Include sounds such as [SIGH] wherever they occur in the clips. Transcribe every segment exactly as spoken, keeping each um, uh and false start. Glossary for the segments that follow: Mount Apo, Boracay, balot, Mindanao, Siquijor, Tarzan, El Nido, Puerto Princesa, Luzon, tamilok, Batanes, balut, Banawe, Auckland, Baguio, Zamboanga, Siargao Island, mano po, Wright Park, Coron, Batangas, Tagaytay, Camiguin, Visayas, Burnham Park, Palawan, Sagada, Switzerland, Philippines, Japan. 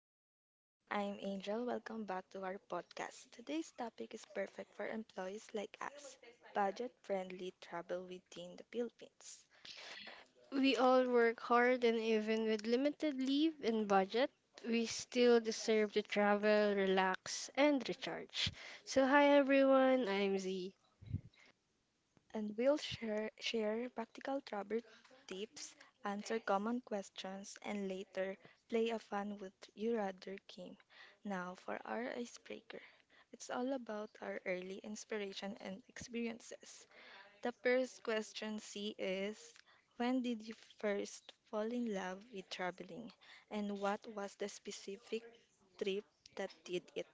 everyone. I'm Angel. Welcome back to our podcast. Today's topic is perfect for employees like us, budget friendly travel within the Philippines. We all work hard, and even with limited leave and budget, we still deserve to travel, relax, and recharge. So, hi everyone, I'm Z. And we'll share, share practical travel tips, answer common questions, and later play a fun Would You Rather game. Now, for our icebreaker, it's all about our early inspiration and experiences. The first question, C, is, when did you first fall in love with traveling? And what was the specific trip that did it?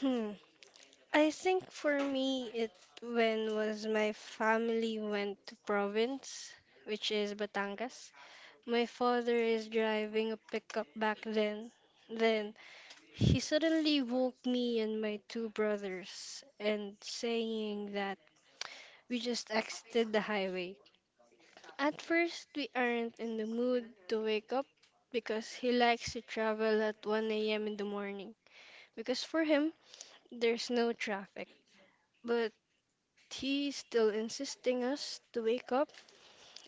Hmm. I think for me, it when was my family went to province, which is Batangas. My father is driving a pickup back then. Then he suddenly woke me and my two brothers and saying that we just exited the highway. At first, we aren't in the mood to wake up because he likes to travel at one a m in the morning. Because for him, there's no traffic. But he's still insisting us to wake up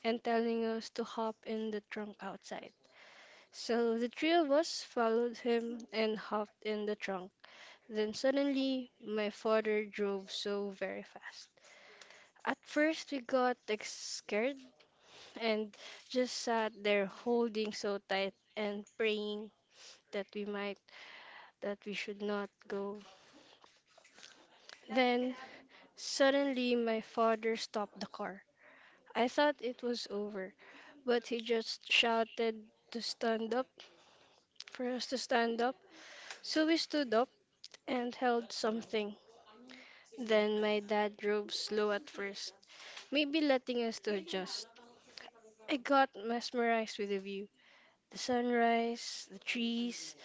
and telling us to hop in the trunk outside. So the three of us followed him and hopped in the trunk. Then suddenly, my father drove so very fast. At first, we got like, scared and just sat there holding so tight and praying that we might, that we should not go. Then suddenly my father stopped the car. I thought it was over, but he just shouted to stand up, for us to stand up. So we stood up and held something. Then my dad drove slow at first, maybe letting us to adjust. I got mesmerized with the view. The sunrise, the trees,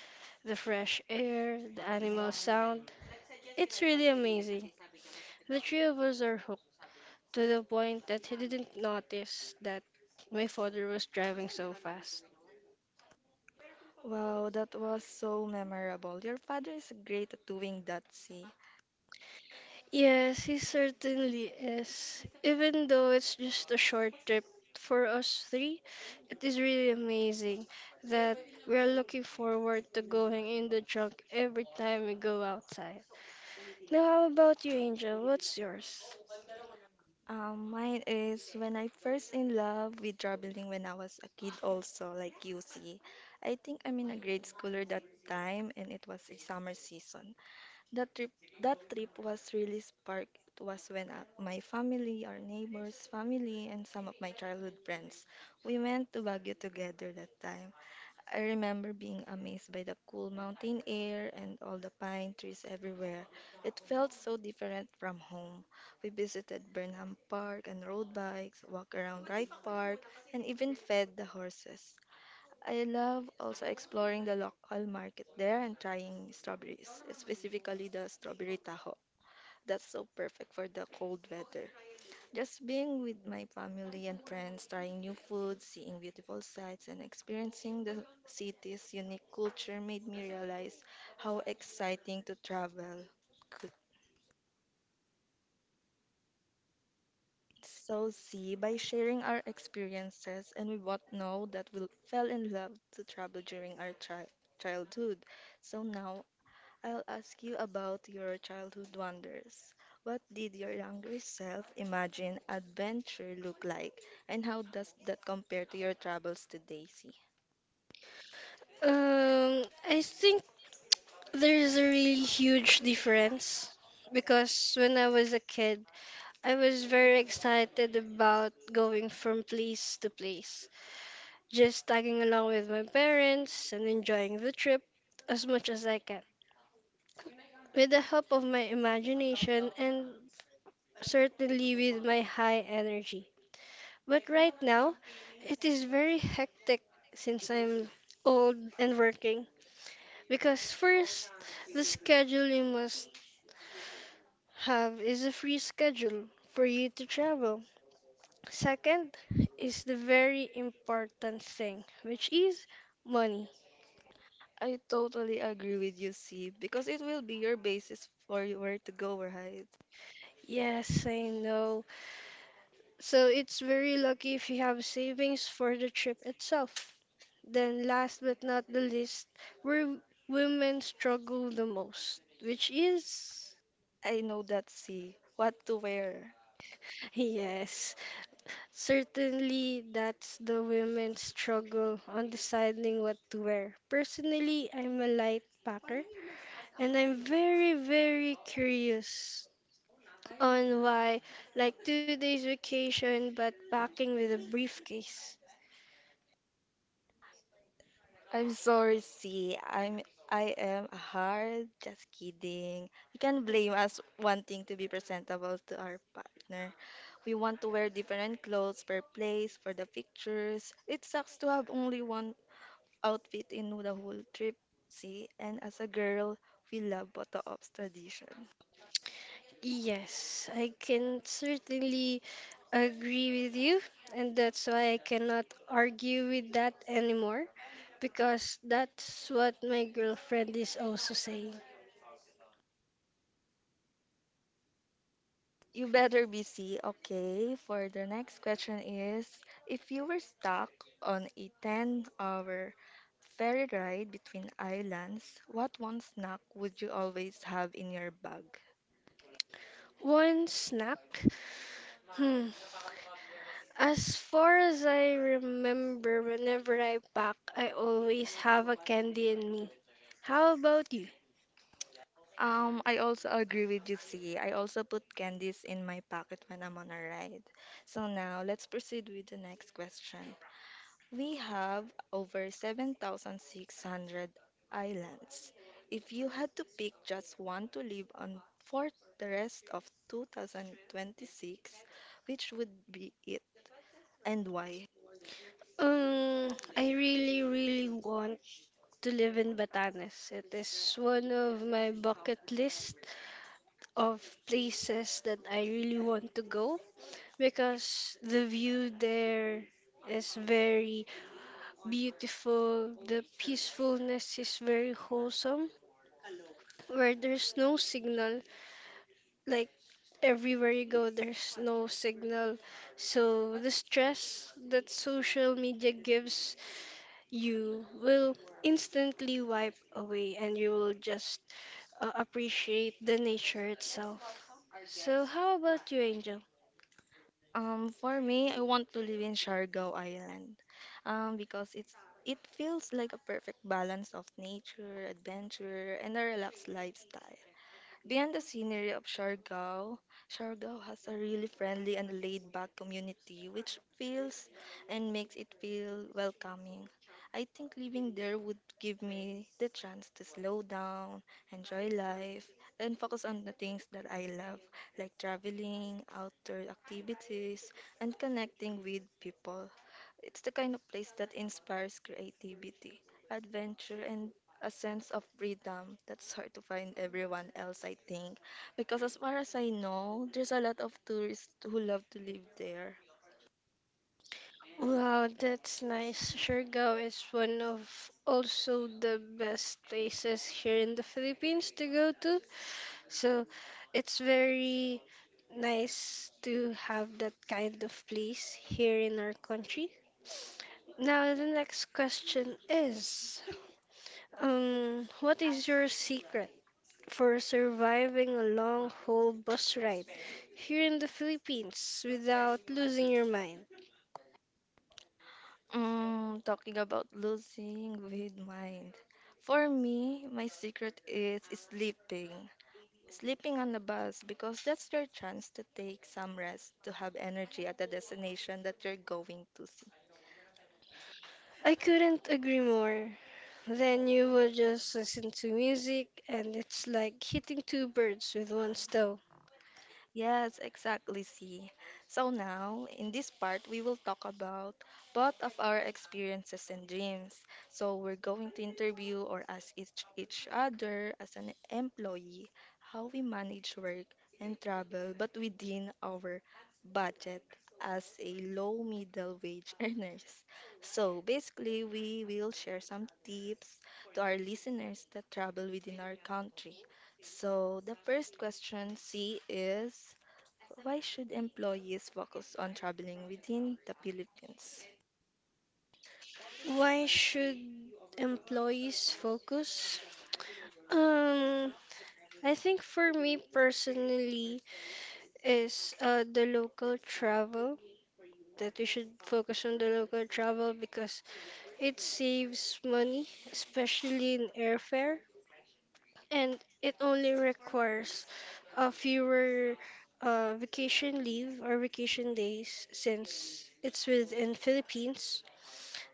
the fresh air, the animal sound, it's really amazing. The three of us are hooked to the point that he didn't notice that my father was driving so fast. Wow, that was so memorable. Your father is great at doing that, see. Yes, he certainly is. Even though it's just a short trip for us three, it is really amazing that we are looking forward to going in the trunk every time we go outside. Now, how about you, Angel? What's yours? Um, mine is when I first in love with traveling when I was a kid also, like you see. I think I'm in a grade schooler that time and it was a summer season. That trip, that trip was really spark. It was when uh, my family, our neighbors' family, and some of my childhood friends, we went to Baguio together that time. I remember being amazed by the cool mountain air and all the pine trees everywhere. It felt so different from home. We visited Burnham Park and rode bikes, walked around Wright Park, and even fed the horses. I love also exploring the local market there and trying strawberries, specifically the strawberry taho. That's so perfect for the cold weather. Just being with my family and friends, trying new food, seeing beautiful sights, and experiencing the city's unique culture made me realize how exciting to travel could so see by sharing our experiences, and we both know that we fell in love to travel during our tri childhood. So now I'll ask you about your childhood wonders. What did your younger self imagine adventure look like, and how does that compare to your travels today, C? Um, I think there's a really huge difference because when I was a kid, I was very excited about going from place to place, just tagging along with my parents and enjoying the trip as much as I can. With the help of my imagination and certainly with my high energy. But right now, it is very hectic since I'm old and working because first, the scheduling must have is a free schedule for you to travel. Second is the very important thing, which is money. I totally agree with you, C, because it will be your basis for where to go, right? Yes, I know. So it's very lucky if you have savings for the trip itself. Then, last but not the least, where women struggle the most, which is I know that, C. What to wear. [LAUGHS] yes, certainly that's the women's struggle on deciding what to wear. Personally, I'm a light packer, and I'm very, very curious on why, like two days vacation, but packing with a briefcase. I'm sorry, C. I'm I am hard. Just kidding. You can blame us wanting to be presentable to our partner. We want to wear different clothes per place for the pictures. It sucks to have only one outfit in the whole trip, see? And as a girl, we love photo ops tradition. Yes, I can certainly agree with you, and that's why I cannot argue with that anymore, because that's what my girlfriend is also saying. You better be, C. Okay, for the next question is, if you were stuck on a ten-hour ferry ride between islands, what one snack would you always have in your bag? One snack? Hmm. As far as I remember, whenever I pack, I always have a candy in me. How about you? Um, I also agree with you, C. I also put candies in my pocket when I'm on a ride. So now let's proceed with the next question. We have over seven thousand six hundred islands. If you had to pick just one to live on for the rest of two thousand twenty-six, which would be it and why? Um, I really, really want to live in Batanes. It is one of my bucket list of places that I really want to go because the view there is very beautiful. The peacefulness is very wholesome, where there's no signal, like everywhere you go there's no signal, so the stress that social media gives you will instantly wipe away and you will just uh, appreciate the nature itself. So how about you, Angel? Um, for me, I want to live in Siargao Island, um, because it's it feels like a perfect balance of nature, adventure, and a relaxed lifestyle. Beyond the scenery of Siargao, Siargao has a really friendly and laid-back community which feels and makes it feel welcoming. I think living there would give me the chance to slow down, enjoy life, and focus on the things that I love, like traveling, outdoor activities, and connecting with people. It's the kind of place that inspires creativity, adventure, and a sense of freedom that's hard to find everyone else, I think. Because as far as I know, there's a lot of tourists who love to live there. Wow, that's nice. Siargao is one of also the best places here in the Philippines to go to. So it's very nice to have that kind of place here in our country. Now, the next question is, um, what is your secret for surviving a long haul bus ride here in the Philippines without losing your mind? Mm, talking about losing with mind. For me, my secret is sleeping. Sleeping on the bus because that's your chance to take some rest to have energy at the destination that you're going to see. I couldn't agree more. Then you would just listen to music and it's like hitting two birds with one stone. Yes, exactly, see. So now, in this part, we will talk about both of our experiences and dreams. So we're going to interview or ask each, each other as an employee, how we manage work and travel but within our budget as a low middle wage [LAUGHS] earners. So basically, we will share some tips to our listeners that travel within our country. So the first question, C, is, why should employees focus on traveling within the Philippines? Why should employees focus? Um, I think for me personally is uh, the local travel that we should focus on the local travel because it saves money, especially in airfare. And it only requires a fewer uh, vacation leave or vacation days since it's within Philippines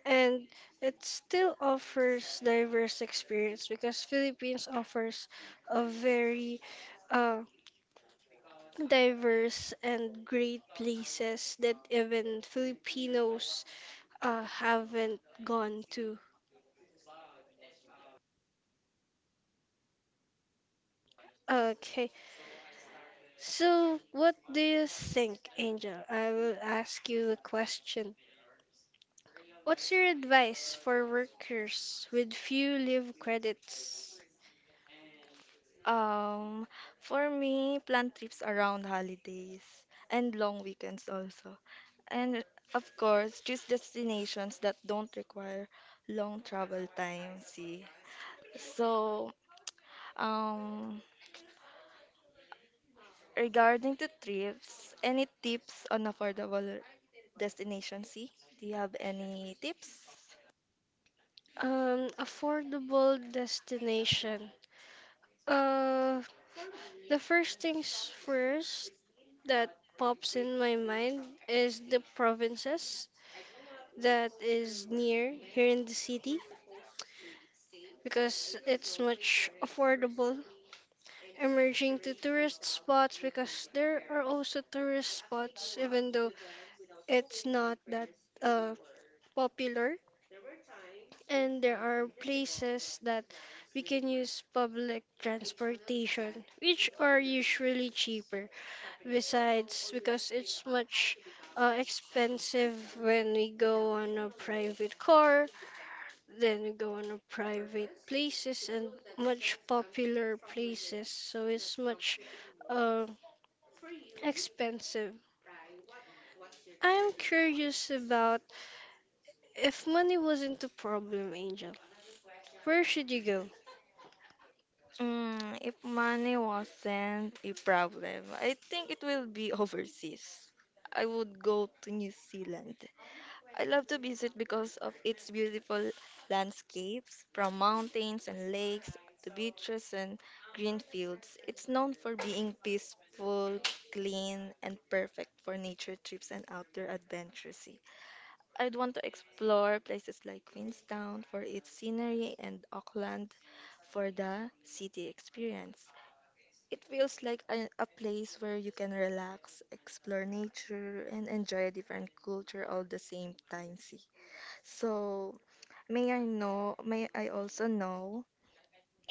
and it still offers diverse experience because Philippines offers a very uh, diverse and great places that even Filipinos uh, haven't gone to. Okay. So, what do you think, Angel? I will ask you a question. What's your advice for workers with few leave credits? Um, for me, plan trips around holidays and long weekends also. And of course, choose destinations that don't require long travel time, see. So, um, regarding the trips, any tips on affordable destination, see? Do you have any tips? Um, affordable destination. Uh, the first things first that pops in my mind is the provinces that is near here in the city because it's much affordable emerging to tourist spots because there are also tourist spots even though it's not that uh, popular, and there are places that we can use public transportation which are usually cheaper besides because it's much uh, expensive when we go on a private car then we go on a private places and much popular places so it's much uh, expensive. I am curious about if money wasn't the problem, Angel. Where should you go? Mm, if money wasn't a problem, I think it will be [LAUGHS] overseas. I would go to New Zealand. I love to visit because of its beautiful landscapes, from mountains and lakes to beaches and green fields. It's known for being peaceful, clean, and perfect for nature trips and outdoor adventures. I'd want to explore places like Queenstown for its scenery and Auckland for the city experience. It feels like a, a place where you can relax, explore nature, and enjoy a different culture all the same time. See, so may I know, may I also know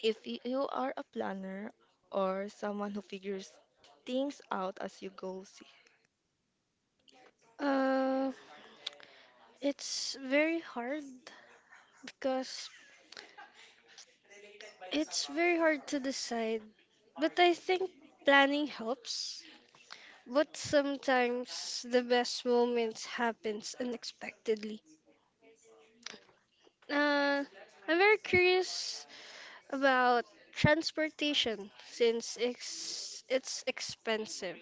if y- you are a planner or someone who figures things out as you go. See. Uh, it's very hard because it's very hard to decide. But I think planning helps. But sometimes the best moments happens unexpectedly. Uh, I'm very curious about transportation, since it's, it's expensive.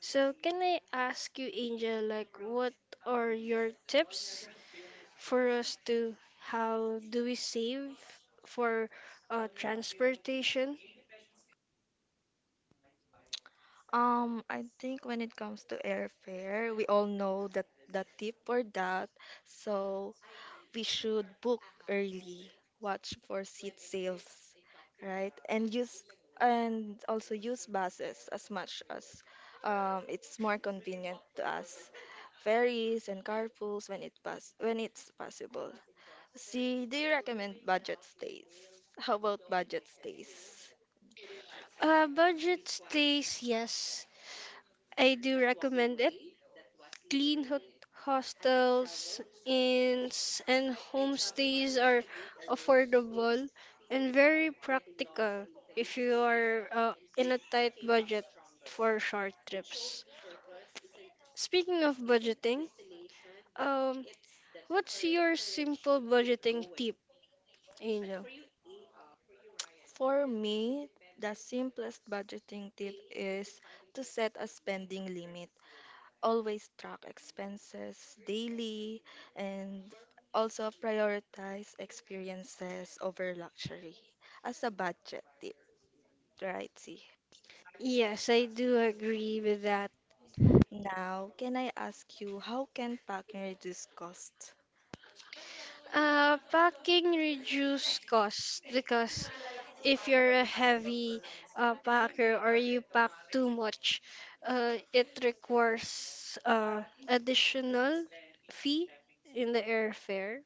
So, can I ask you, Angel, like what are your tips for us to how do we save for uh, transportation? Um, I think when it comes to airfare, we all know that the tip for that, so we should book early, watch for seat sales, right? And use and also use buses as much as um, it's more convenient to us, ferries and carpools when it pass when it's possible. See, do you recommend budget stays? How about budget stays? Uh, budget stays, yes, I do recommend it. Clean hot hostels, inns, and homestays are affordable and very practical if you are uh, in a tight budget for short trips. Speaking of budgeting, um, what's your simple budgeting tip, Angel? For me, the simplest budgeting tip is to set a spending limit. Always track expenses daily and also prioritize experiences over luxury as a budget tip, right? See. Yes, I do agree with that. Now, can I ask you how can packing reduce cost? Uh, packing reduce cost because if you're a heavy uh, packer or you pack too much, uh, it requires uh, additional fee in the airfare.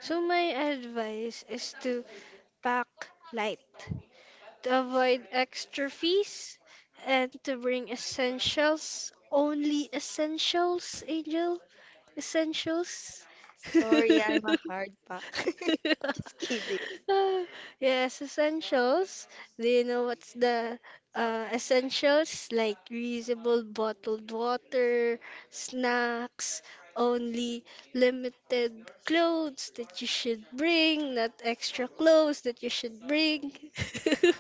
So my advice is to pack light to avoid extra fees and to bring essentials, only essentials, Angel. Essentials. [LAUGHS] [LAUGHS] Sorry, I'm a hard pack. [LAUGHS] Just kidding. Yes, essentials. Do you know what's the uh, essentials? Like reusable bottled water, snacks, only limited clothes that you should bring, not extra clothes that you should bring. [LAUGHS]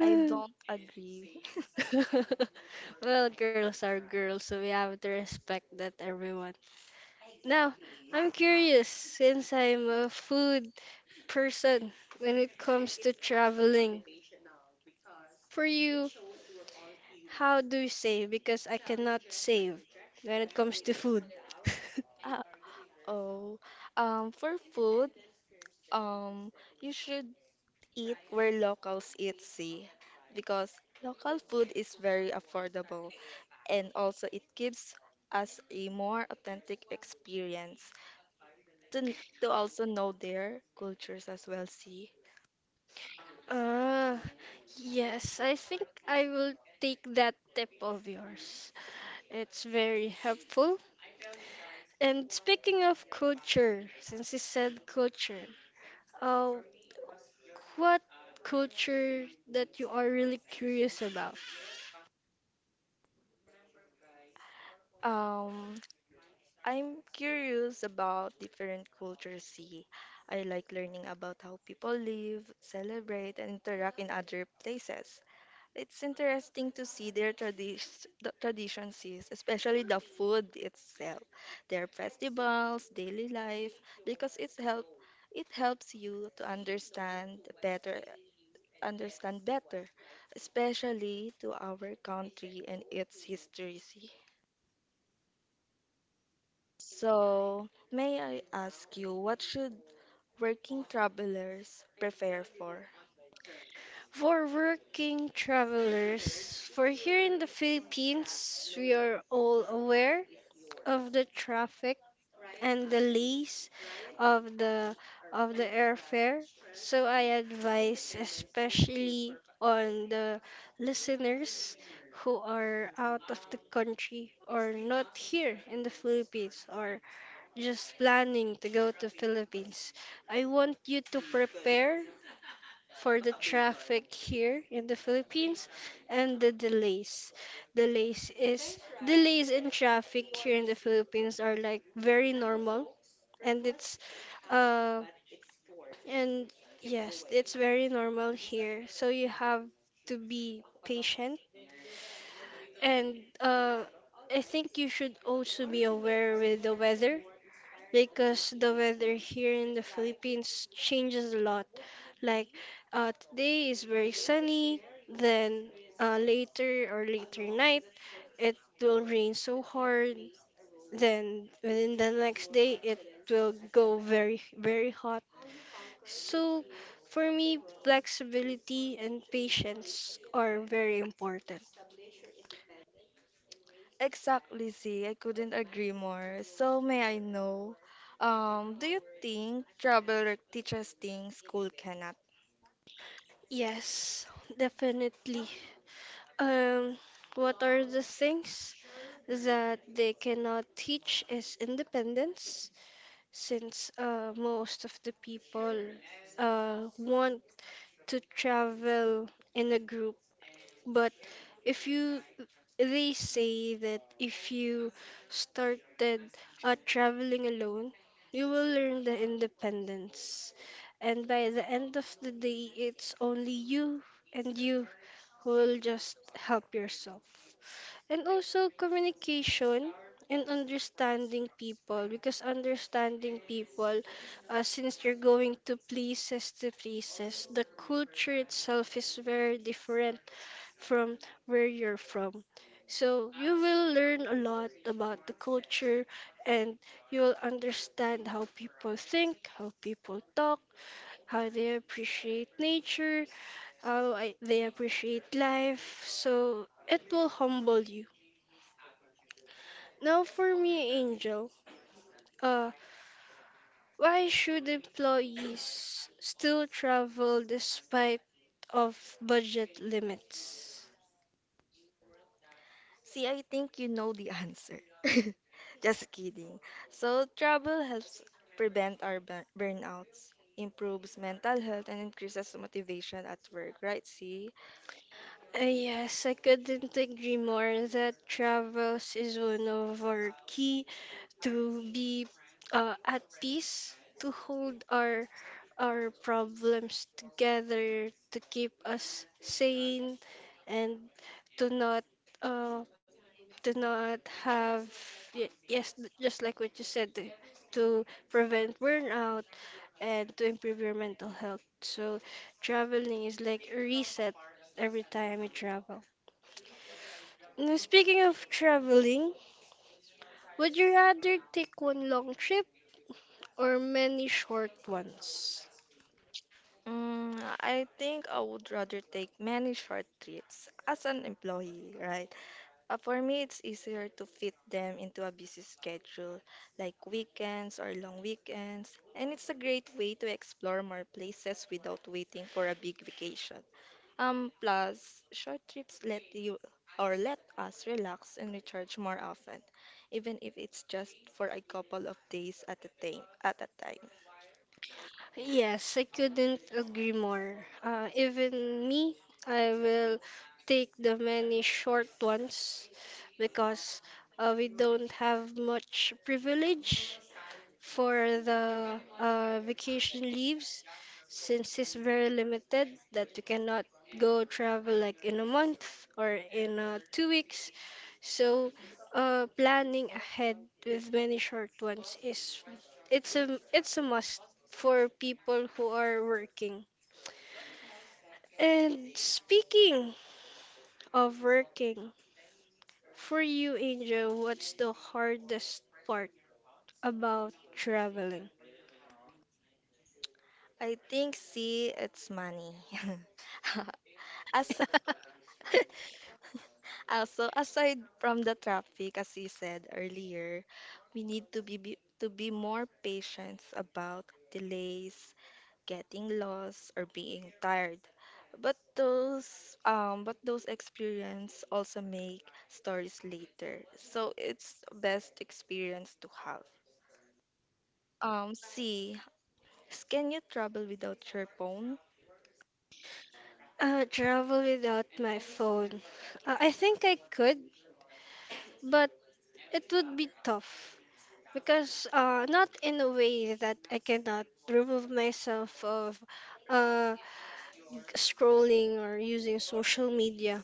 I don't agree. [LAUGHS] Well, girls are girls, so we have to respect that everyone. Now, I'm curious since I'm a food person when it comes to traveling. For you, how do you save? Because I cannot save when it comes to food. [LAUGHS] Uh oh. Um, for food, Um, you should eat where locals eat, see, because local food is very affordable and also it gives us a more authentic experience to, n- to also know their cultures as well, see. Ah, yes, I think I will take that tip of yours. It's very helpful. And speaking of culture, since you said culture, uh, what culture that you are really curious about? Um, I'm curious about different cultures, see. I like learning about how people live, celebrate, and interact in other places. It's interesting to see their tradis- the traditions, is, especially the food itself, their festivals, daily life, because it's help it helps you to understand better, understand better, especially to our country and its history. So, may I ask you, what should working travelers prepare for? For working travelers, for here in the Philippines, we are all aware of the traffic and the delays of the of the airfare. So I advise especially on the listeners who are out of the country or not here in the Philippines or just planning to go to Philippines. I want you to prepare for the traffic here in the Philippines and the delays. Delays is delays in traffic here in the Philippines are like very normal and it's uh and yes, it's very normal here. So you have to be patient and uh I think you should also be aware with the weather because the weather here in the Philippines changes a lot. Like uh, today is very sunny, then uh, later or later night it will rain so hard. Then within the next day it will go very very hot. So for me, flexibility and patience are very important. Exactly, Z. I couldn't agree more. So may I know, um, do you think travel re- teaches things school cannot? Yes, definitely. Um, what are the things that they cannot teach is independence, since uh, most of the people uh, want to travel in a group but if you, they say that if you started uh, traveling alone, you will learn the independence. And by the end of the day, it's only you and you who will just help yourself. And also communication and understanding people because understanding people, uh, since you're going to places to places, the culture itself is very different from where you're from. So you will learn a lot about the culture and you'll understand how people think, how people talk, how they appreciate nature, how I, they appreciate life. So it will humble you. Now for me, Angel, uh, why should employees still travel despite of budget limits? See, I think you know the answer. [LAUGHS] Just kidding. So travel helps prevent our bur- burnouts, improves mental health, and increases motivation at work, right, See. Uh, yes, I couldn't agree more that travels is one of our key to be uh, at peace, to hold our our problems together, to keep us sane, and to not uh, to not have y- yes, just like what you said, to to prevent burnout and to improve your mental health. So traveling is like a reset every time you travel. Now, speaking of traveling, would you rather take one long trip or many short ones? Mm, I think I would rather take many short trips as an employee, right? Uh, for me, it's easier to fit them into a busy schedule, like weekends or long weekends, and it's a great way to explore more places without waiting for a big vacation. Um, plus, short trips let you or let us relax and recharge more often, even if it's just for a couple of days at a time. At a time. Yes, I couldn't agree more. Uh, even me, I will take the many short ones because uh, we don't have much privilege for the uh, vacation leaves since it's very limited that you cannot go travel like in a month or in uh, two weeks so uh, planning ahead with many short ones is it's a it's a must for people who are working. And speaking of working, for you, Angel, what's the hardest part about traveling? I think C, it's money. [LAUGHS] As [LAUGHS] also aside from the traffic, as you said earlier, we need to be, be to be more patient about delays, getting lost, or being tired. But those um but those experience also make stories later. So it's best experience to have. Um, C, can you travel without your phone? Uh, travel without my phone. Uh, I think I could, but it would be tough because uh, not in a way that I cannot remove myself of uh, scrolling or using social media.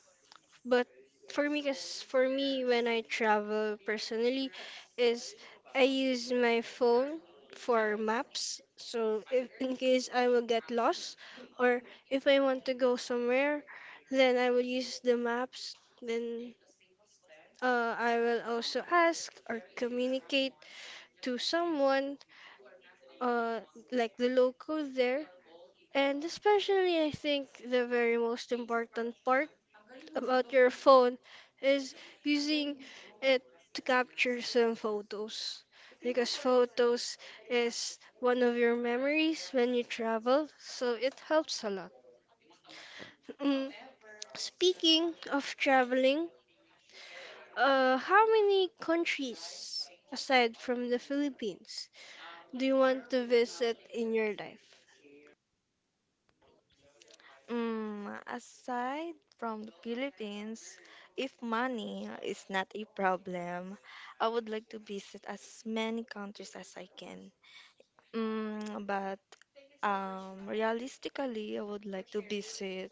But for me, cause for me, when I travel personally, is I use my phone for maps. So if in case I will get lost, or if I want to go somewhere, then I will use the maps. Then uh, I will also ask or communicate to someone, uh, like the local there. And especially, I think the very most important part about your phone is using it to capture some photos because photos is one of your memories when you travel, so it helps a lot. Mm, Speaking of traveling, uh, how many countries aside from the Philippines do you want to visit in your life? Mm, aside from the Philippines, if money is not a problem, I would like to visit as many countries as I can. Mm, but um, realistically, I would like to visit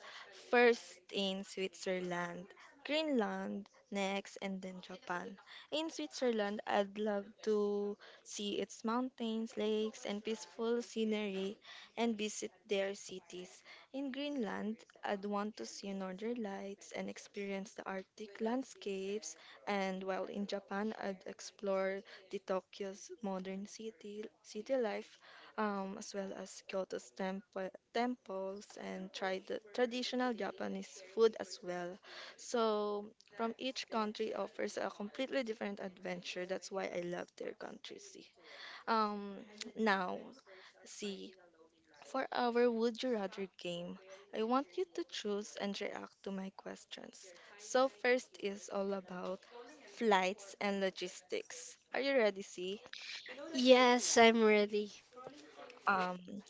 first in Switzerland, Greenland next, and then Japan. In Switzerland, I'd love to see its mountains, lakes, and peaceful scenery, and visit their cities. In Greenland, I'd want to see northern lights and experience the Arctic landscapes, and while in Japan, I'd explore the Tokyo's modern city, city life, um, as well as Kyoto's temple, temples and try the traditional Japanese food as well. So, from each country offers a completely different adventure. That's why I love their countries. See. Um, now, see, for our Would You Rather game, I want you to choose and react to my questions. So, first is all about flights and logistics. Are you ready, C? Yes, I'm ready. Um,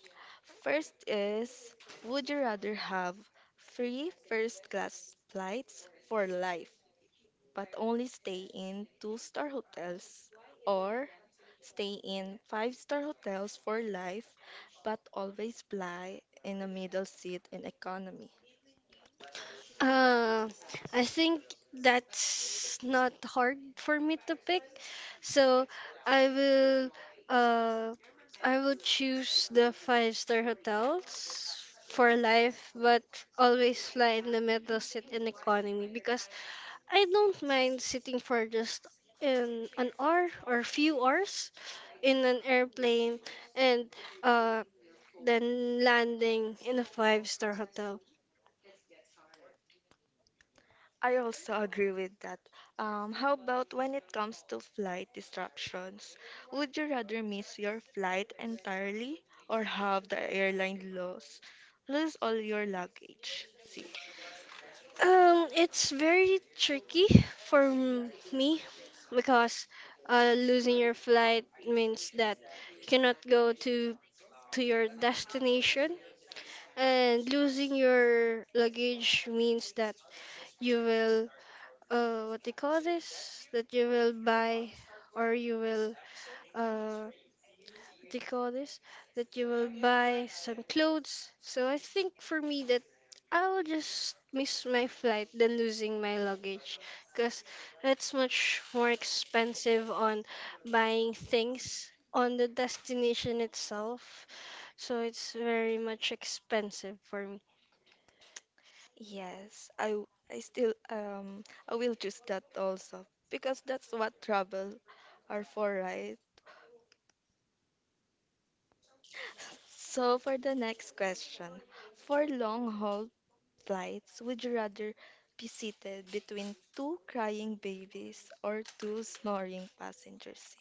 first is, would you rather have free first class flights for life, but only stay in two-star hotels, or stay in five-star hotels for life, but always fly in a middle seat in economy? Uh, I think that's not hard for me to pick. So I will uh I will choose the five star hotels for life, but always fly in the middle sit in economy because I don't mind sitting for just in an hour or few hours in an airplane and uh then landing in a five star hotel. I also agree with that. Um, how about when it comes to flight disruptions? Would you rather miss your flight entirely or have the airline lose lose all your luggage? See. Um, it's very tricky for m- me because uh, losing your flight means that you cannot go to to your destination, and losing your luggage means that you will uh what do you call this? That you will buy or you will uh they call this, that you will buy some clothes. So I think for me that I will just miss my flight than losing my luggage because that's much more expensive on buying things on the destination itself. So it's very much expensive for me. Yes, I w- I still um I will choose that also because that's what travel are for, right? So for the next question, for long haul flights, would you rather be seated between two crying babies or two snoring passengers?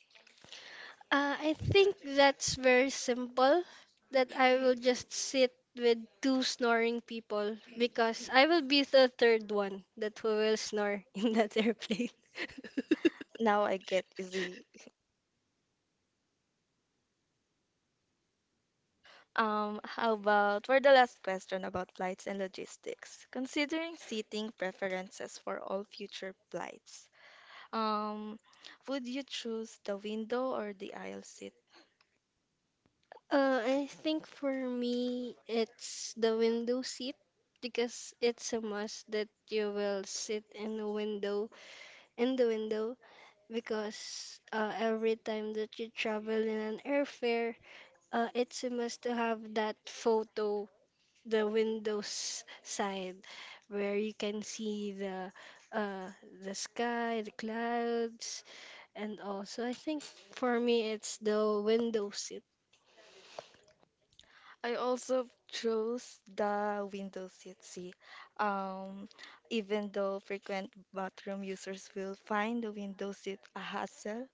Uh, I think that's very simple. That I will just sit with two snoring people because I will be the third one that who will snore [LAUGHS] in that airplane. [LAUGHS] Now I get easy. Um, how about for the last question about flights and logistics? Considering seating preferences for all future flights, um, would you choose the window or the aisle seat? Uh, I think for me, it's the window seat because it's a must that you will sit in the window in the window because uh, every time that you travel in an airfare, uh, it's a must to have that photo the windows side where you can see the uh the sky, the clouds, and also I think for me it's the window seat. I also chose the window seat, C. Um, even though frequent bathroom users will find the window seat a hassle,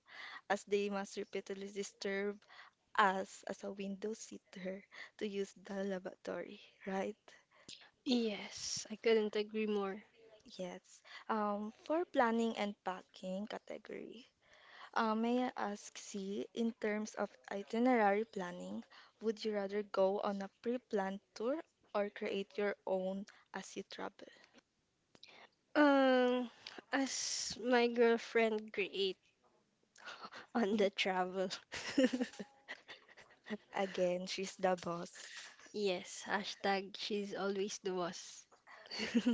as they must repeatedly disturb us as a window sitter to use the lavatory, right? Yes, I couldn't agree more. Yes. Um, for planning and packing category, Uh, may I ask, C, in terms of itinerary planning, would you rather go on a pre-planned tour or create your own as you travel? Um, as my girlfriend create on the travel. [LAUGHS] Again, she's the boss. Yes, hashtag she's always the boss. [LAUGHS]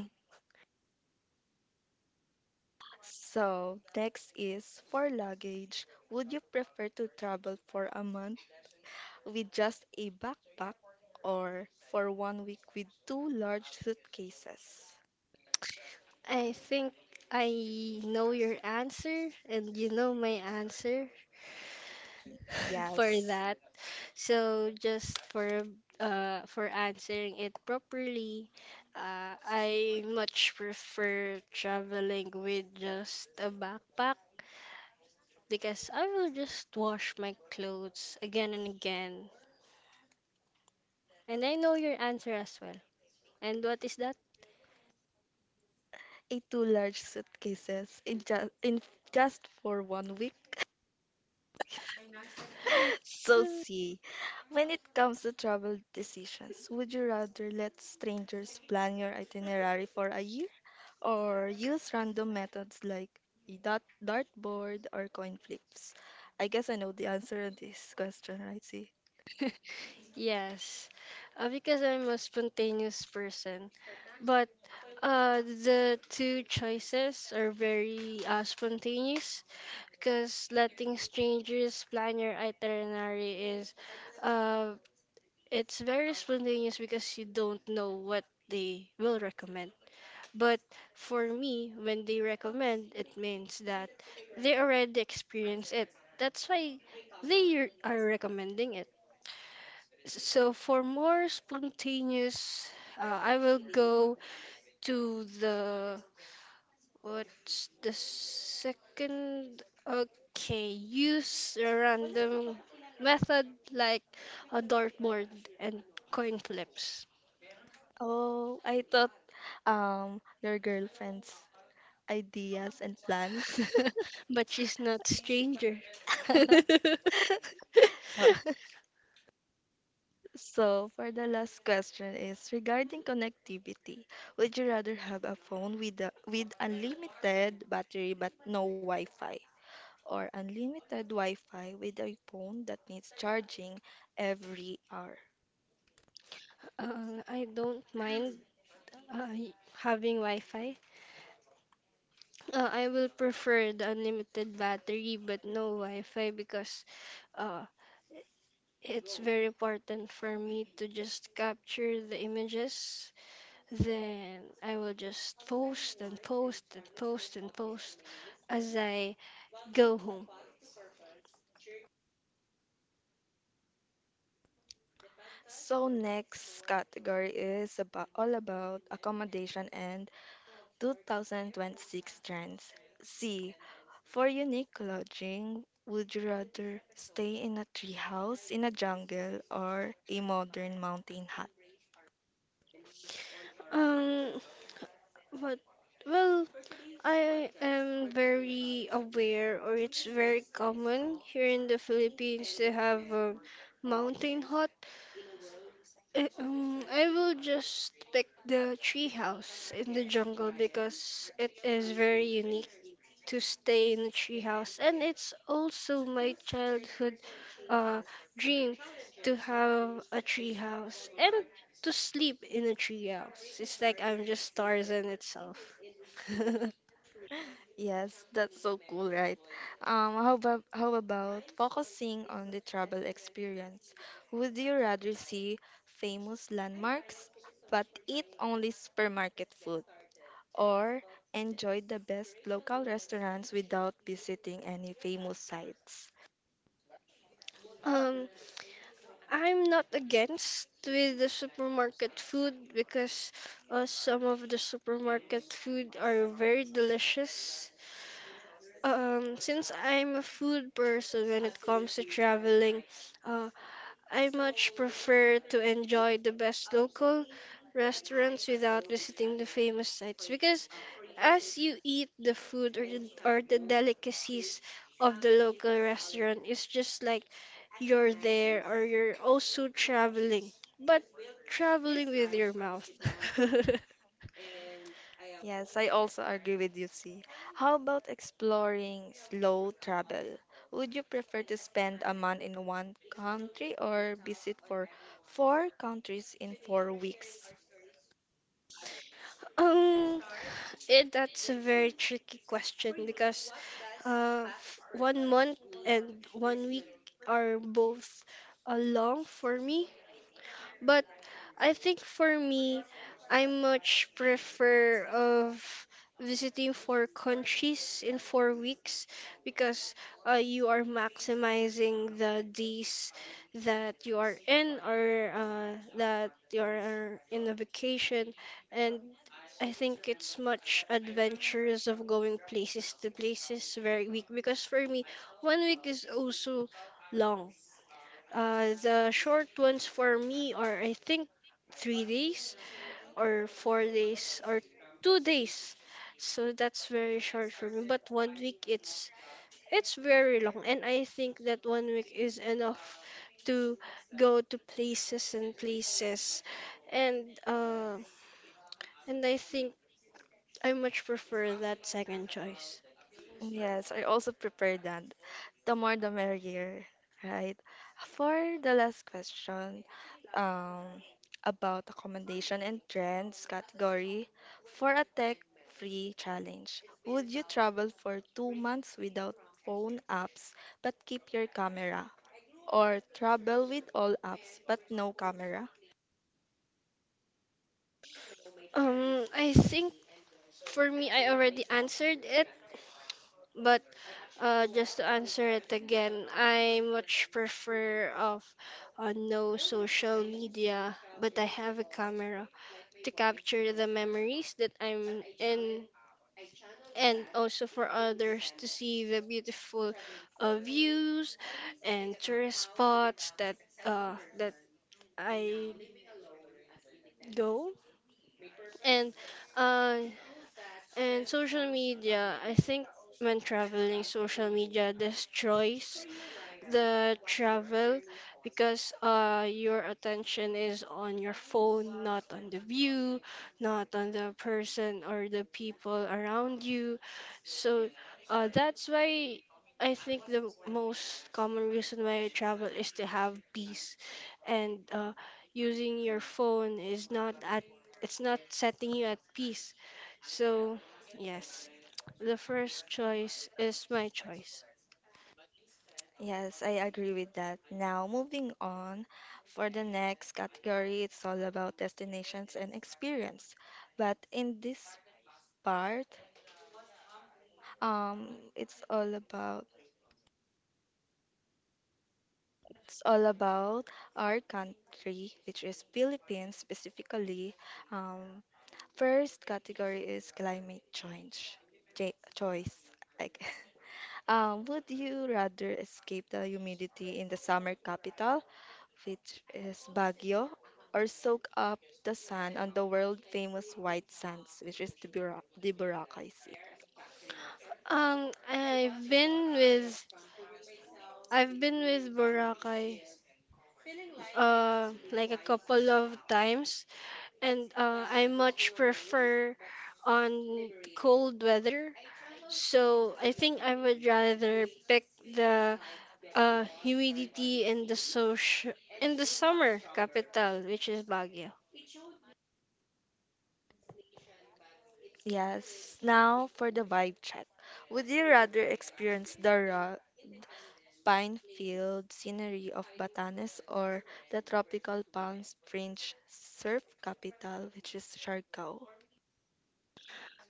So, next is for luggage. Would you prefer to travel for a month with just a backpack or for one week with two large suitcases? I think I know your answer and you know my answer. [LAUGHS] For Yes, that. So just for uh for answering it properly, uh, I much prefer traveling with just a backpack because I will just wash my clothes again and again. And I know your answer as well. And what is that? a two large suitcases in just in just for one week. So, [LAUGHS] see, when it comes to travel decisions, would you rather let strangers plan your itinerary for a year or use random methods like a dart dartboard or coin flips? I guess I know the answer to this question, right? See, Yes, uh, because I'm a spontaneous person. But uh, the two choices are very uh, spontaneous. Because letting strangers plan your itinerary is uh, it's very spontaneous because you don't know what they will recommend, but for me when they recommend it means that they already experience it, that's why they r- are recommending it. So for more spontaneous, uh, I will go to the What's the second? Okay, use a random method like a dartboard and coin flips. oh, I thought um your girlfriend's ideas and plans. [LAUGHS] But she's not stranger. [LAUGHS] [LAUGHS] So, [LAUGHS] so, for the last question is regarding connectivity. Would you rather have a phone with a, with unlimited battery but no Wi-Fi, or unlimited Wi-Fi with a phone that needs charging every hour? Uh, I don't mind uh, having Wi-Fi. Uh, I will prefer the unlimited battery but no Wi-Fi because uh, it's very important for me to just capture the images. Then I will just post and post and post and post as I go home. So, next category is about all about accommodation and twenty twenty-six trends. C. For unique lodging, would you rather stay in a treehouse in a jungle or a modern mountain hut? Um, but well, I am very aware, or it's very common here in the Philippines to have a mountain hut. Eh, um, I will just pick the tree house in the jungle because it is very unique to stay in a treehouse, and it's also my childhood uh, dream to have a treehouse and to sleep in a treehouse. It's like I'm just Tarzan itself. Yes, that's so cool, right? Um, how about how about focusing on the travel experience? Would you rather see famous landmarks but eat only supermarket food, or enjoy the best local restaurants without visiting any famous sites? [LAUGHS] Um, I'm not against with the supermarket food because uh, some of the supermarket food are very delicious. Um, since I'm a food person when it comes to traveling, uh, I much prefer to enjoy the best local restaurants without visiting the famous sites because as you eat the food or the, or the delicacies of the local restaurant, it's just like you're there or you're also traveling, but traveling with your mouth. [LAUGHS] Yes, I also agree with you, C. How about exploring slow travel? Would you prefer to spend a month in one country or visit for four countries in four weeks? Um, it, that's a very tricky question because uh, f- one month and one week are both uh, long for me. But I think for me, I much prefer of visiting four countries in four weeks because uh, you are maximizing the days that you are in or uh, that you are uh, in a vacation, and I think it's much adventurous of going places to places very week because for me, one week is also long. Uh, the short ones for me are, I think, three days or four days or two days. So that's very short for me. But one week, it's it's very long, and I think that one week is enough to go to places and places, and uh, and I think I much prefer that second choice. Yes, I also prepared that. The more the merrier, right? For the last question, um, about accommodation and trends category, for a tech-free challenge, would you travel for two months without phone apps but keep your camera? Or travel with all apps but no camera? Um, I think for me, I already answered it, but Uh, just to answer it again, I much prefer of uh, no social media, but I have a camera to capture the memories that I'm in, and also for others to see the beautiful uh, views and tourist spots that uh, that I go. And uh, and social media, I think when traveling, social media destroys the travel because uh, your attention is on your phone, not on the view, not on the person or the people around you. So uh, that's why I think the most common reason why I travel is to have peace, and uh, using your phone is not at it's not setting you at peace. So yes, the first choice is my choice. Yes, I agree with that. Now, moving on, for the next category, it's all about destinations and experience. But in this part, um, it's all about it's all about our country, which is Philippines specifically. Um, first category is climate change. Ch choice. Like, [LAUGHS] um, would you rather escape the humidity in the summer capital, which is Baguio, or soak up the sun on the world-famous white sands, which is the, Bura- the Boracay Sea? Um, I've been with I've been with Boracay uh like a couple of times and uh, I much prefer on cold weather. So I think I would rather pick the uh humidity in the social in the summer capital which is Baguio. Yes, now for the vibe check. Would you rather experience the raw pine-filled scenery of Batanes, or the tropical palm fringe surf capital, which is Siargao?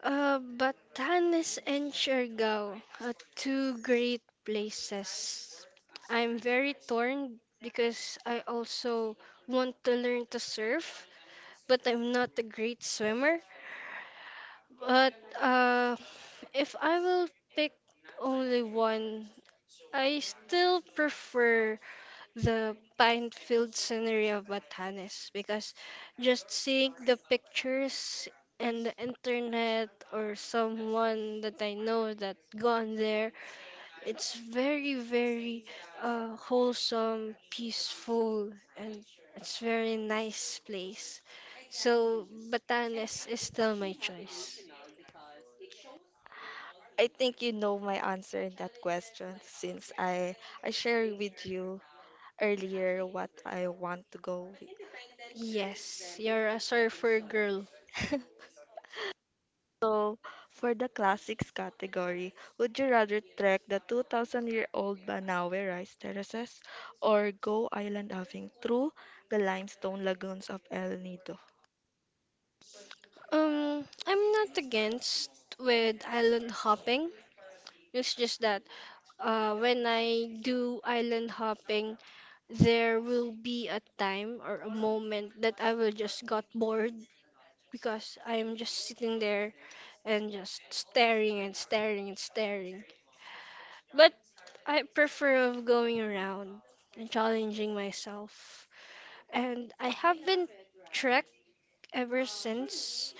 Uh, Batanes and Siargao are two great places. I'm very torn because I also want to learn to surf, but I'm not a great swimmer. But uh, if I will pick only one, I still prefer the pine-filled scenery of Batanes because just seeing the pictures and the internet or someone that I know that gone there, it's very, very uh, wholesome, peaceful, and it's very nice place. So Batanes is still my choice. I think you know my answer in that question since I I shared with you earlier what I want to go with. Yes, you're a surfer girl. [LAUGHS] So, for the classics category, would you rather trek the two thousand-year-old Banawe rice terraces or go island hopping through the limestone lagoons of El Nido? Um, I'm not against with island hopping. It's just that Uh, when I do island hopping, there will be a time or a moment that I will just got bored because I'm just sitting there and just staring and staring and staring. But I prefer of going around and challenging myself. And I have been trekked ever since,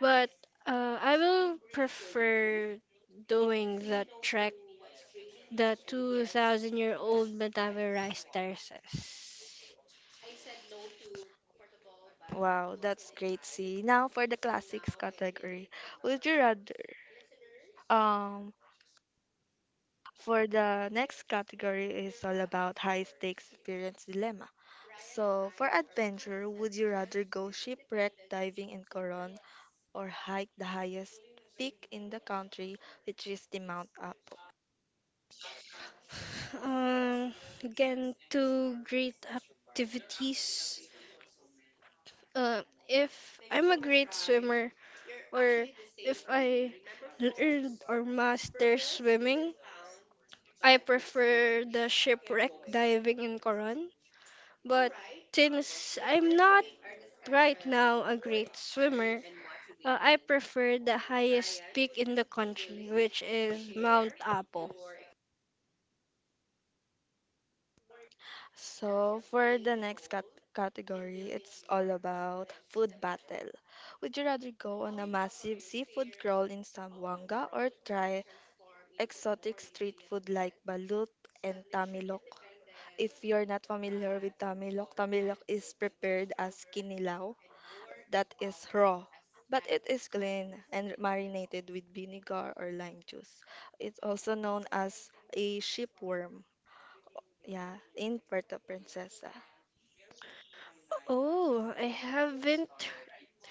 but uh, I will prefer doing the trek the two thousand year old metaverized terraces. Wow, that's great, see. Now for the classics category, would you rather um for the next category is all about high stakes experience dilemma. So, for adventure, would you rather go shipwreck diving in Coron or hike the highest peak in the country, which is the Mount Apo? Um, again, two great activities. Uh, if I'm a great swimmer or if I learned or master swimming, I prefer the shipwreck diving in Coron. But since I'm not right now a great swimmer, uh, I prefer the highest peak in the country, which is Mount Apo. So, for the next cat- category, it's all about food battle. Would you rather go on a massive seafood crawl in Sambuanga, or try exotic street food like balut and tamilok? If you're not familiar with tamilok, tamilok is prepared as kinilaw that is raw, but it is clean and marinated with vinegar or lime juice. It's also known as a sheepworm. Yeah, in Puerto Princesa. Oh, I haven't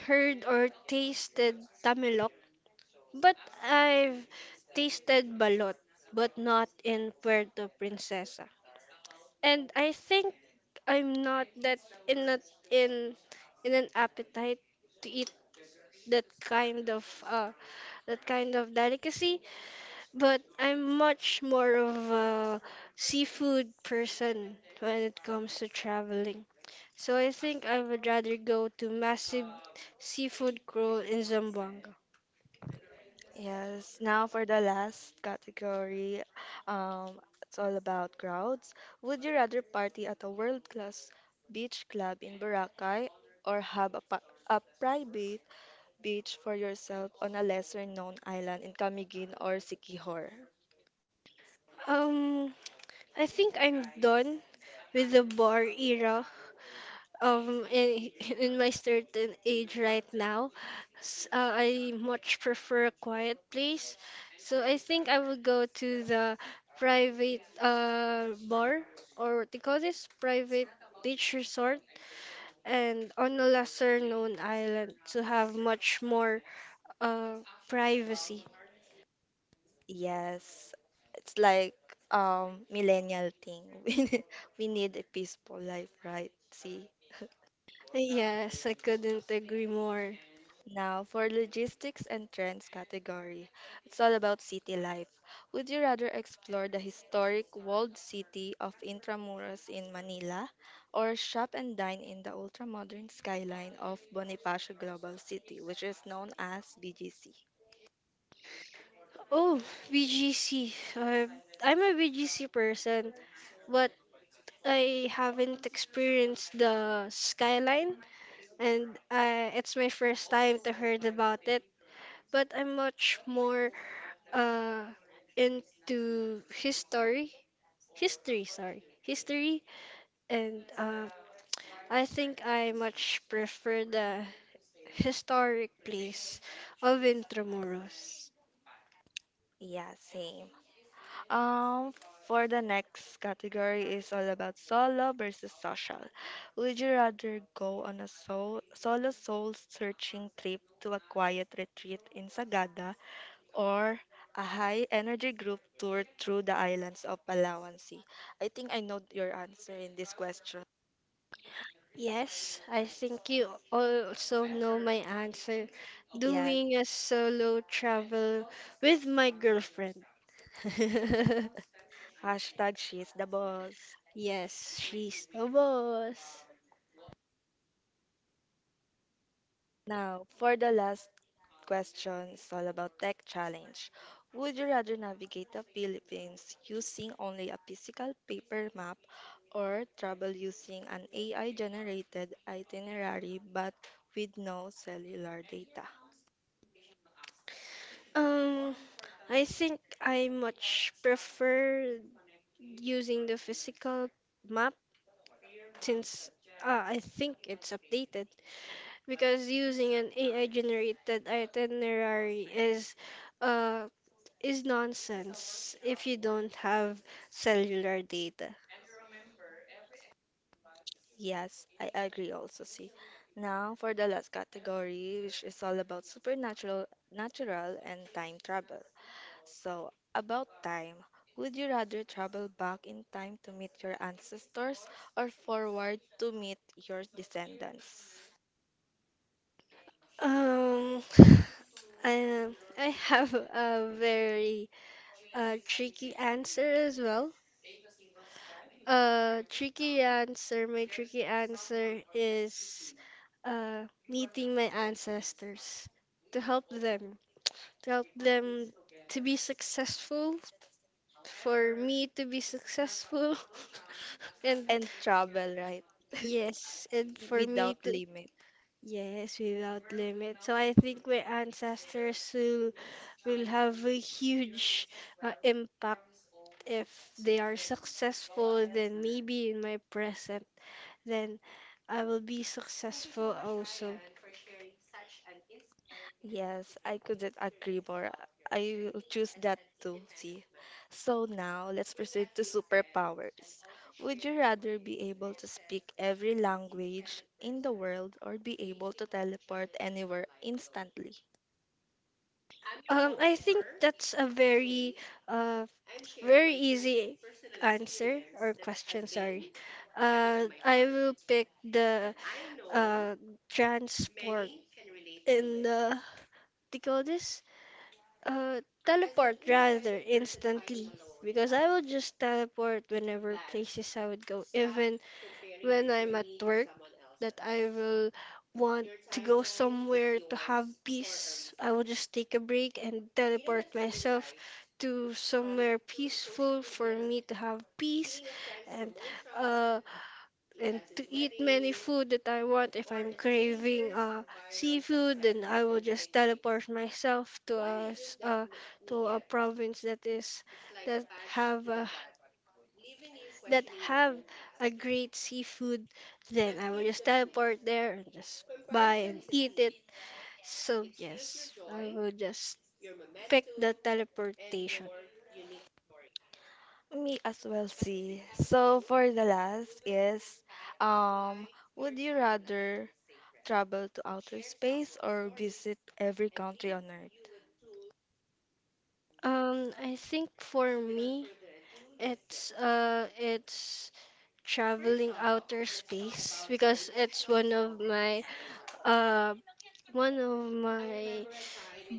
heard or tasted Tamalok, but I've tasted balot, but not in Puerto Princesa. And I think I'm not that in a, in in an appetite to eat that kind of uh that kind of delicacy. But I'm much more of a seafood person when it comes to traveling. So I think I would rather go to massive seafood crawl in Zamboanga. Yes, now for the last category, um, it's all about crowds. Would you rather party at a world-class beach club in Boracay, or have a, pa- a private beach for yourself on a lesser-known island in Camiguin or Siquijor? Um, I think I'm done with the bar era um in, [LAUGHS] in my certain age right now s- uh, I much prefer a quiet place, so I think I will go to the private uh bar or what they call this private beach resort and on a lesser known island to have much more uh privacy. Yes, it's like um millennial thing. [LAUGHS] We need, we need a peaceful life, right? See. Yes, I couldn't agree more. Now, for logistics and trends category, it's all about city life. Would you rather explore the historic walled city of Intramuros in Manila, or shop and dine in the ultra-modern skyline of Bonifacio Global City, which is known as B G C? Oh, BGC, uh, I'm a BGC person, but I haven't experienced the skyline, and uh, it's my first time to heard about it. But I'm much more uh, into history, history, sorry, history, and uh, I think I much prefer the historic place of Intramuros. Yeah, same. Um, for the next category is all about solo versus social. Would you rather go on a soul, solo soul searching trip to a quiet retreat in Sagada, or a high energy group tour through the islands of Palawan Sea? I think I know your answer in this question. Yes, I think you also know my answer. Yes. Doing a solo travel with my girlfriend. [LAUGHS] Hashtag she's the boss. Yes, she's the boss. Now, for the last question, it's all about tech challenge. Would you rather navigate the Philippines using only a physical paper map, or travel using an A I-generated itinerary but with no cellular data? Um, I think I much prefer using the physical map since uh, I think it's updated because using an A I generated itinerary is uh is nonsense if you don't have cellular data. Yes, I agree also, see. Now, for the last category, which is all about supernatural, natural, and time travel. So, about time. Would you rather travel back in time to meet your ancestors or forward to meet your descendants? Um, [SIGHS] I, I have a very uh, tricky answer as well. Uh, tricky answer, my tricky answer is uh, meeting my ancestors to help them, to help them to be successful, for me to be successful, [LAUGHS] and And travel, right? yes, and for me Without to limit. yes, without limit. So I think my ancestors will, will have a huge uh, impact if they are successful, then maybe in my present, then I will be successful also. Yes, I couldn't agree more. I will choose that too, see. So now, let's proceed to superpowers. Would you rather be able to speak every language in the world, or be able to teleport anywhere instantly? Um, I think that's a very, uh, very easy answer or question, sorry. Uh, I will pick the uh, transport in the they call this uh, teleport rather instantly, because I would just teleport whenever places I would go, even when I'm at work, that I will want to go somewhere to have peace. I will just take a break and teleport myself to somewhere peaceful for me to have peace and uh and to eat many food that I want. If I'm craving uh seafood, and I will just teleport myself to a s- uh, to a province that is that have a, that have a great seafood. Then I will just teleport there and just buy and eat it. So yes, I will just pick the teleportation. Me as well, see. So for the last is, um, would you rather travel to outer space or visit every country on Earth? Um, I think for me, it's uh, it's traveling outer space, because it's one of my uh, one of my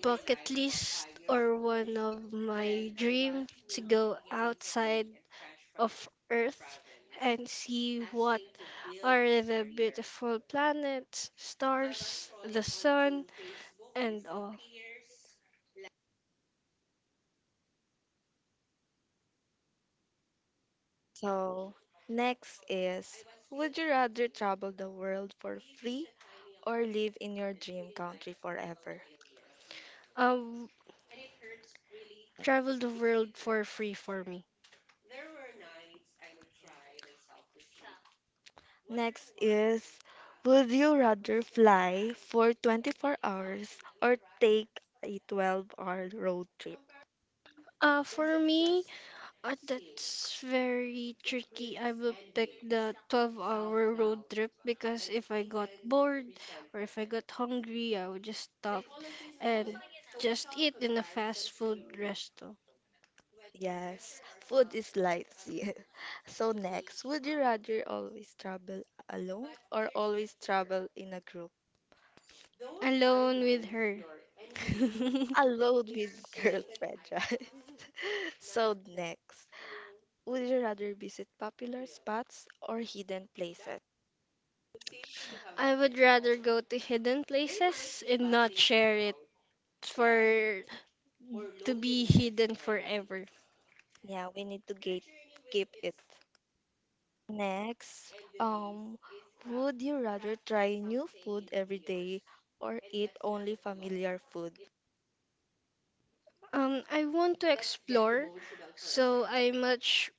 bucket list or one of my dream to go outside of Earth and see what are the beautiful planets, stars, the sun, and all. So next is, would you rather travel the world for free or live in your dream country forever? Um, Travel the world for free for me. Next is, would you rather fly for twenty-four hours or take a twelve-hour road trip? Uh, for me, Uh, that's very tricky. I will pick the twelve-hour road trip because if I got bored or if I got hungry, I would just stop and just eat in a fast food resto. Yes, food is life. Yeah. [LAUGHS] So next, would you rather always travel alone or always travel in a group? Alone with her. [LAUGHS] Alone with girlfriend, [LAUGHS] right? [LAUGHS] So next, would you rather visit popular spots or hidden places? I would rather go to hidden places and not share it for to be hidden forever. Yeah, we need to gate keep it. Next, um, would you rather try new food every day or eat only familiar food? Um, I want to explore, so I much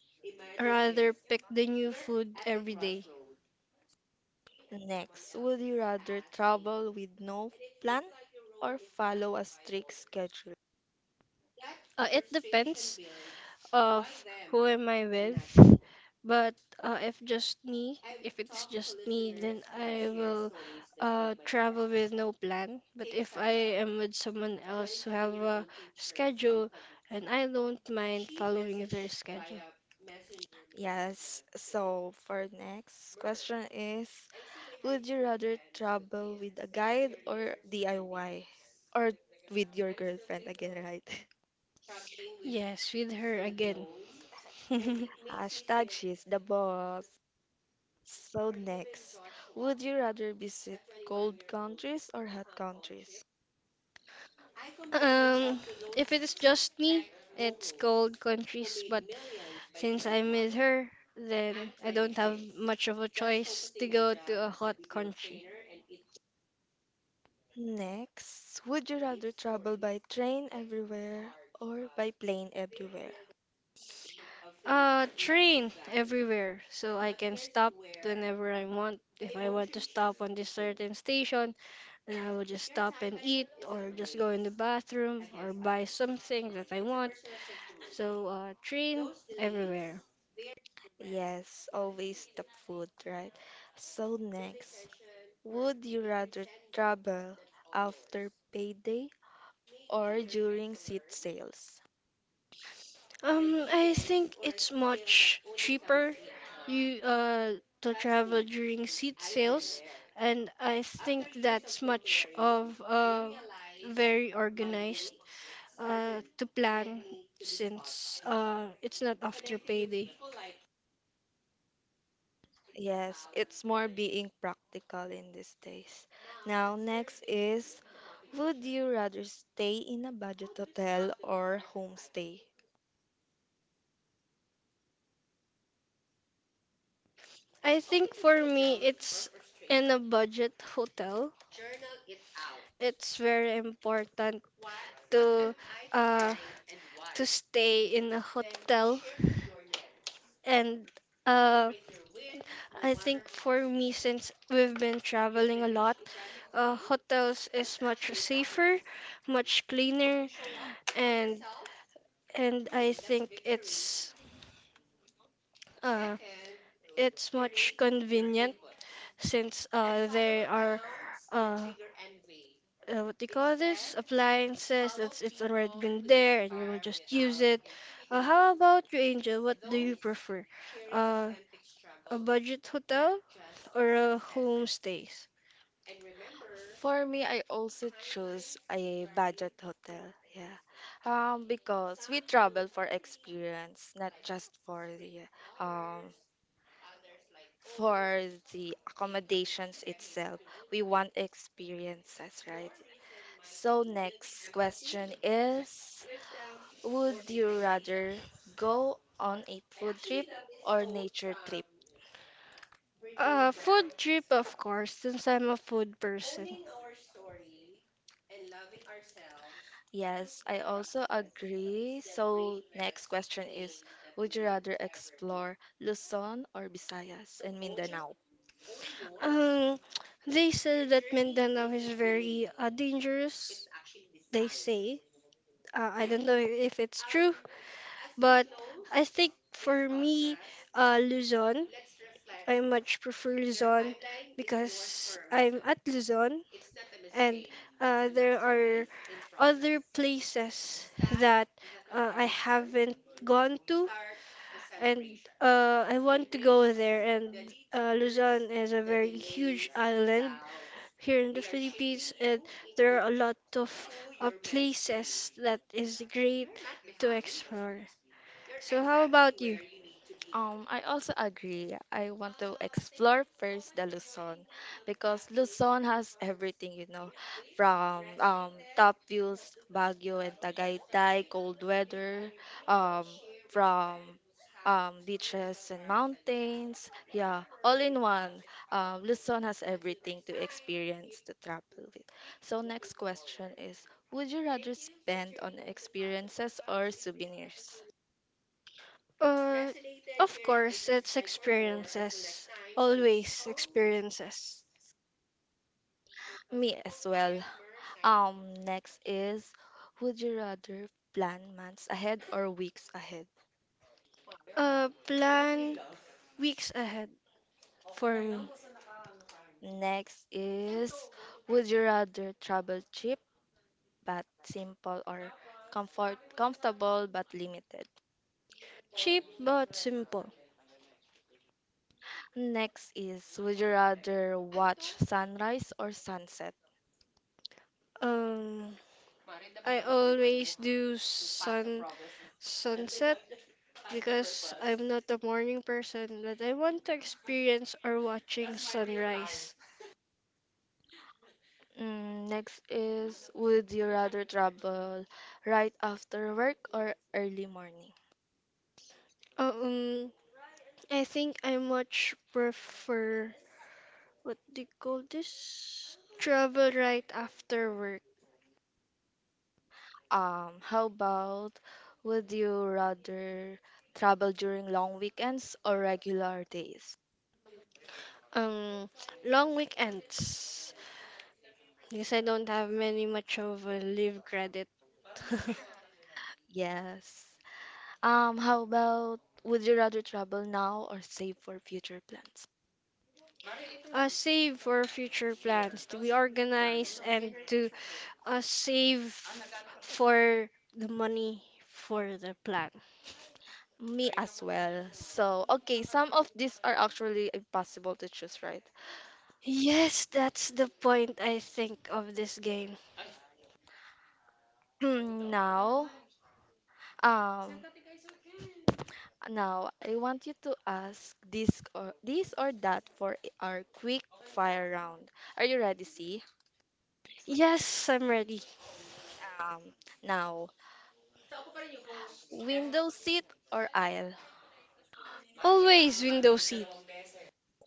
rather pick the new food every day. Next, would you rather travel with no plan or follow a strict schedule? Uh, it depends of who am I with, but uh, if just me, if it's just me, then I will uh, travel with no plan. But if I am with someone else who have a schedule, and I don't mind following their schedule. Yes, so for next question is, would you rather travel with a guide or D I Y? Or with your girlfriend again, right? Yes, with her again. [LAUGHS] [LAUGHS] Hashtag she's the boss. So next, would you rather visit cold countries or hot countries? Um, if it is just me, it's cold countries, but since I miss her, then I don't have much of a choice to go to a hot country. Next, would you rather travel by train everywhere or by plane everywhere? Uh, train everywhere, so I can stop whenever I want. If I want to stop on this certain station, then I will just stop and eat, or just go in the bathroom, or buy something that I want. So, uh, train everywhere. Yes, always the food, right? So next, would you rather travel after payday or during seat sales? Um, I think it's much cheaper you uh to travel during seat sales, and I think that's much of uh very organized uh to plan, since uh it's not after payday. Yes, it's more being practical in these days. Now, next is, would you rather stay in a budget hotel or homestay? I think for me it's in a budget hotel. It's very important to uh, to stay in a hotel and uh, I think for me, since we've been traveling a lot, uh, hotels is much safer, much cleaner, and and I think it's uh, it's much convenient, since uh, there are uh, uh, what do you call this appliances that's it's already been there and you will just use it. Uh, how about you, Angel? What do you prefer? Uh, a budget hotel or a homestays? For me, I also choose a budget hotel. Yeah. Um, because we travel for experience, not just for the um for the accommodations itself. We want experiences, right? So, next question is, would you rather go on a food trip or nature trip? Uh, food trip, of course, since I'm a food person. Yes, I also agree. So, next question is, would you rather explore Luzon or Visayas and Mindanao? Um, they said that Mindanao is very uh, dangerous. They say. Uh, I don't know if it's true, but I think for me, uh, Luzon, I much prefer Luzon because I'm at Luzon and uh, there are other places that uh, I haven't gone to, and uh, I want to go there. And uh, Luzon is a very huge island here in the Philippines, and there are a lot of uh, places that is great to explore. So how about you? Um, I also agree. I want to explore first the Luzon because Luzon has everything, you know, from um, top views, Baguio and Tagaytay, cold weather, um, from um, beaches and mountains. Yeah, all in one. Um, Luzon has everything to experience, to travel with. So, next question is, would you rather spend on experiences or souvenirs? Uh, of course, it's experiences. Always experiences. Me as well. Um, next is, would you rather plan months ahead or weeks ahead? Uh, plan weeks ahead for me. Next is, would you rather travel cheap but simple, or comfort comfortable but limited? Cheap but simple. Next is, would you rather watch sunrise or sunset? Um, I always do sun sunset because I'm not a morning person, but I want to experience or watching sunrise. Mm, next is, would you rather travel right after work or early morning? Um, I think I much prefer, what do you call this? Travel right after work. Um, how about, would you rather travel during long weekends or regular days? Um, Long weekends. Because I don't have many much of a leave credit. Yes. Um, how about, would you rather travel now or save for future plans? [LAUGHS] Uh, save for future plans to be organized and to uh, save for the money for the plan. Me as well. So, okay, some of these are actually impossible to choose, right? [CLEARS THROAT] Yes, that's the point I think of this game. Now, um, now I want you to ask this or this or that for our quick fire round. Are you ready, C? Yes, I'm ready. Um, now, window seat or aisle? Always window seat.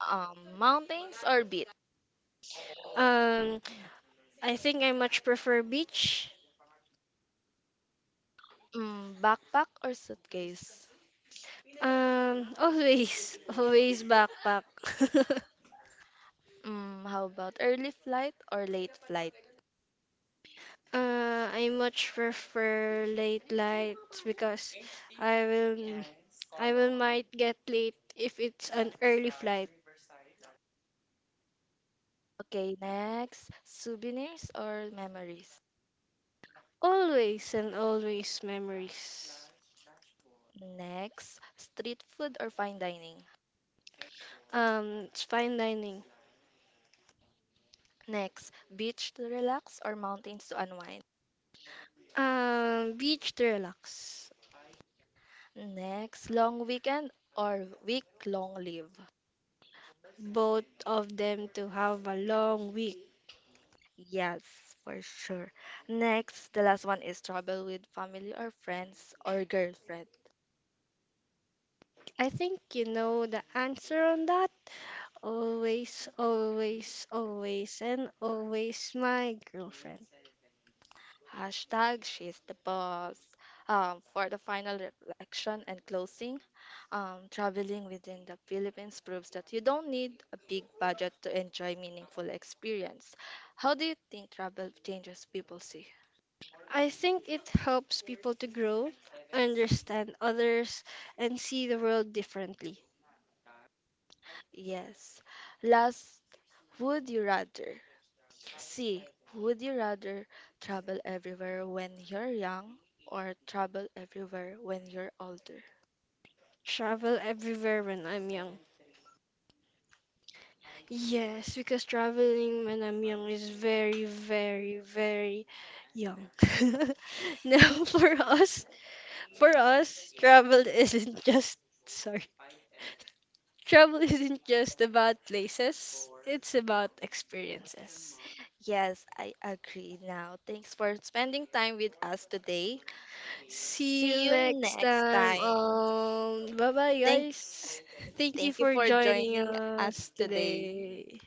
Um, mountains or beach? Um, I think I much prefer beach. Mm, backpack or suitcase? Um, always, [LAUGHS] always backpack. [LAUGHS] Mm, how about early flight or late flight? uh, I much prefer late nights because I will, I will might get late if it's an early flight. Okay, next, souvenirs or memories? Always and always memories. Next, street food or fine dining? Um, it's fine dining. Next, beach to relax or mountains to unwind? Um, beach to relax. Next, long weekend or week long leave? Both of them to have a long week. Yes, for sure. Next, the last one is travel with family or friends or girlfriend. I think you know the answer on that. Always, always, always, and always my girlfriend. Hashtag she's the boss. Um, for the final reflection and closing, um, traveling within the Philippines proves that you don't need a big budget to enjoy meaningful experience. How do you think travel changes people see? I think it helps people to grow, understand others, and see the world differently. Yes. Last, would you rather? C. Would you rather travel everywhere when you're young, or travel everywhere when you're older? Travel everywhere when I'm young. Yes, because traveling when I'm young is very, very, very young. [LAUGHS] Now, for us, for us, travel isn't just, sorry, travel isn't just about places, it's about experiences. Yes, I agree now. Thanks for spending time with us today. See you See you next next time. time. Um, bye bye, Thank guys. Thank you thank you for for joining joining us us today. today.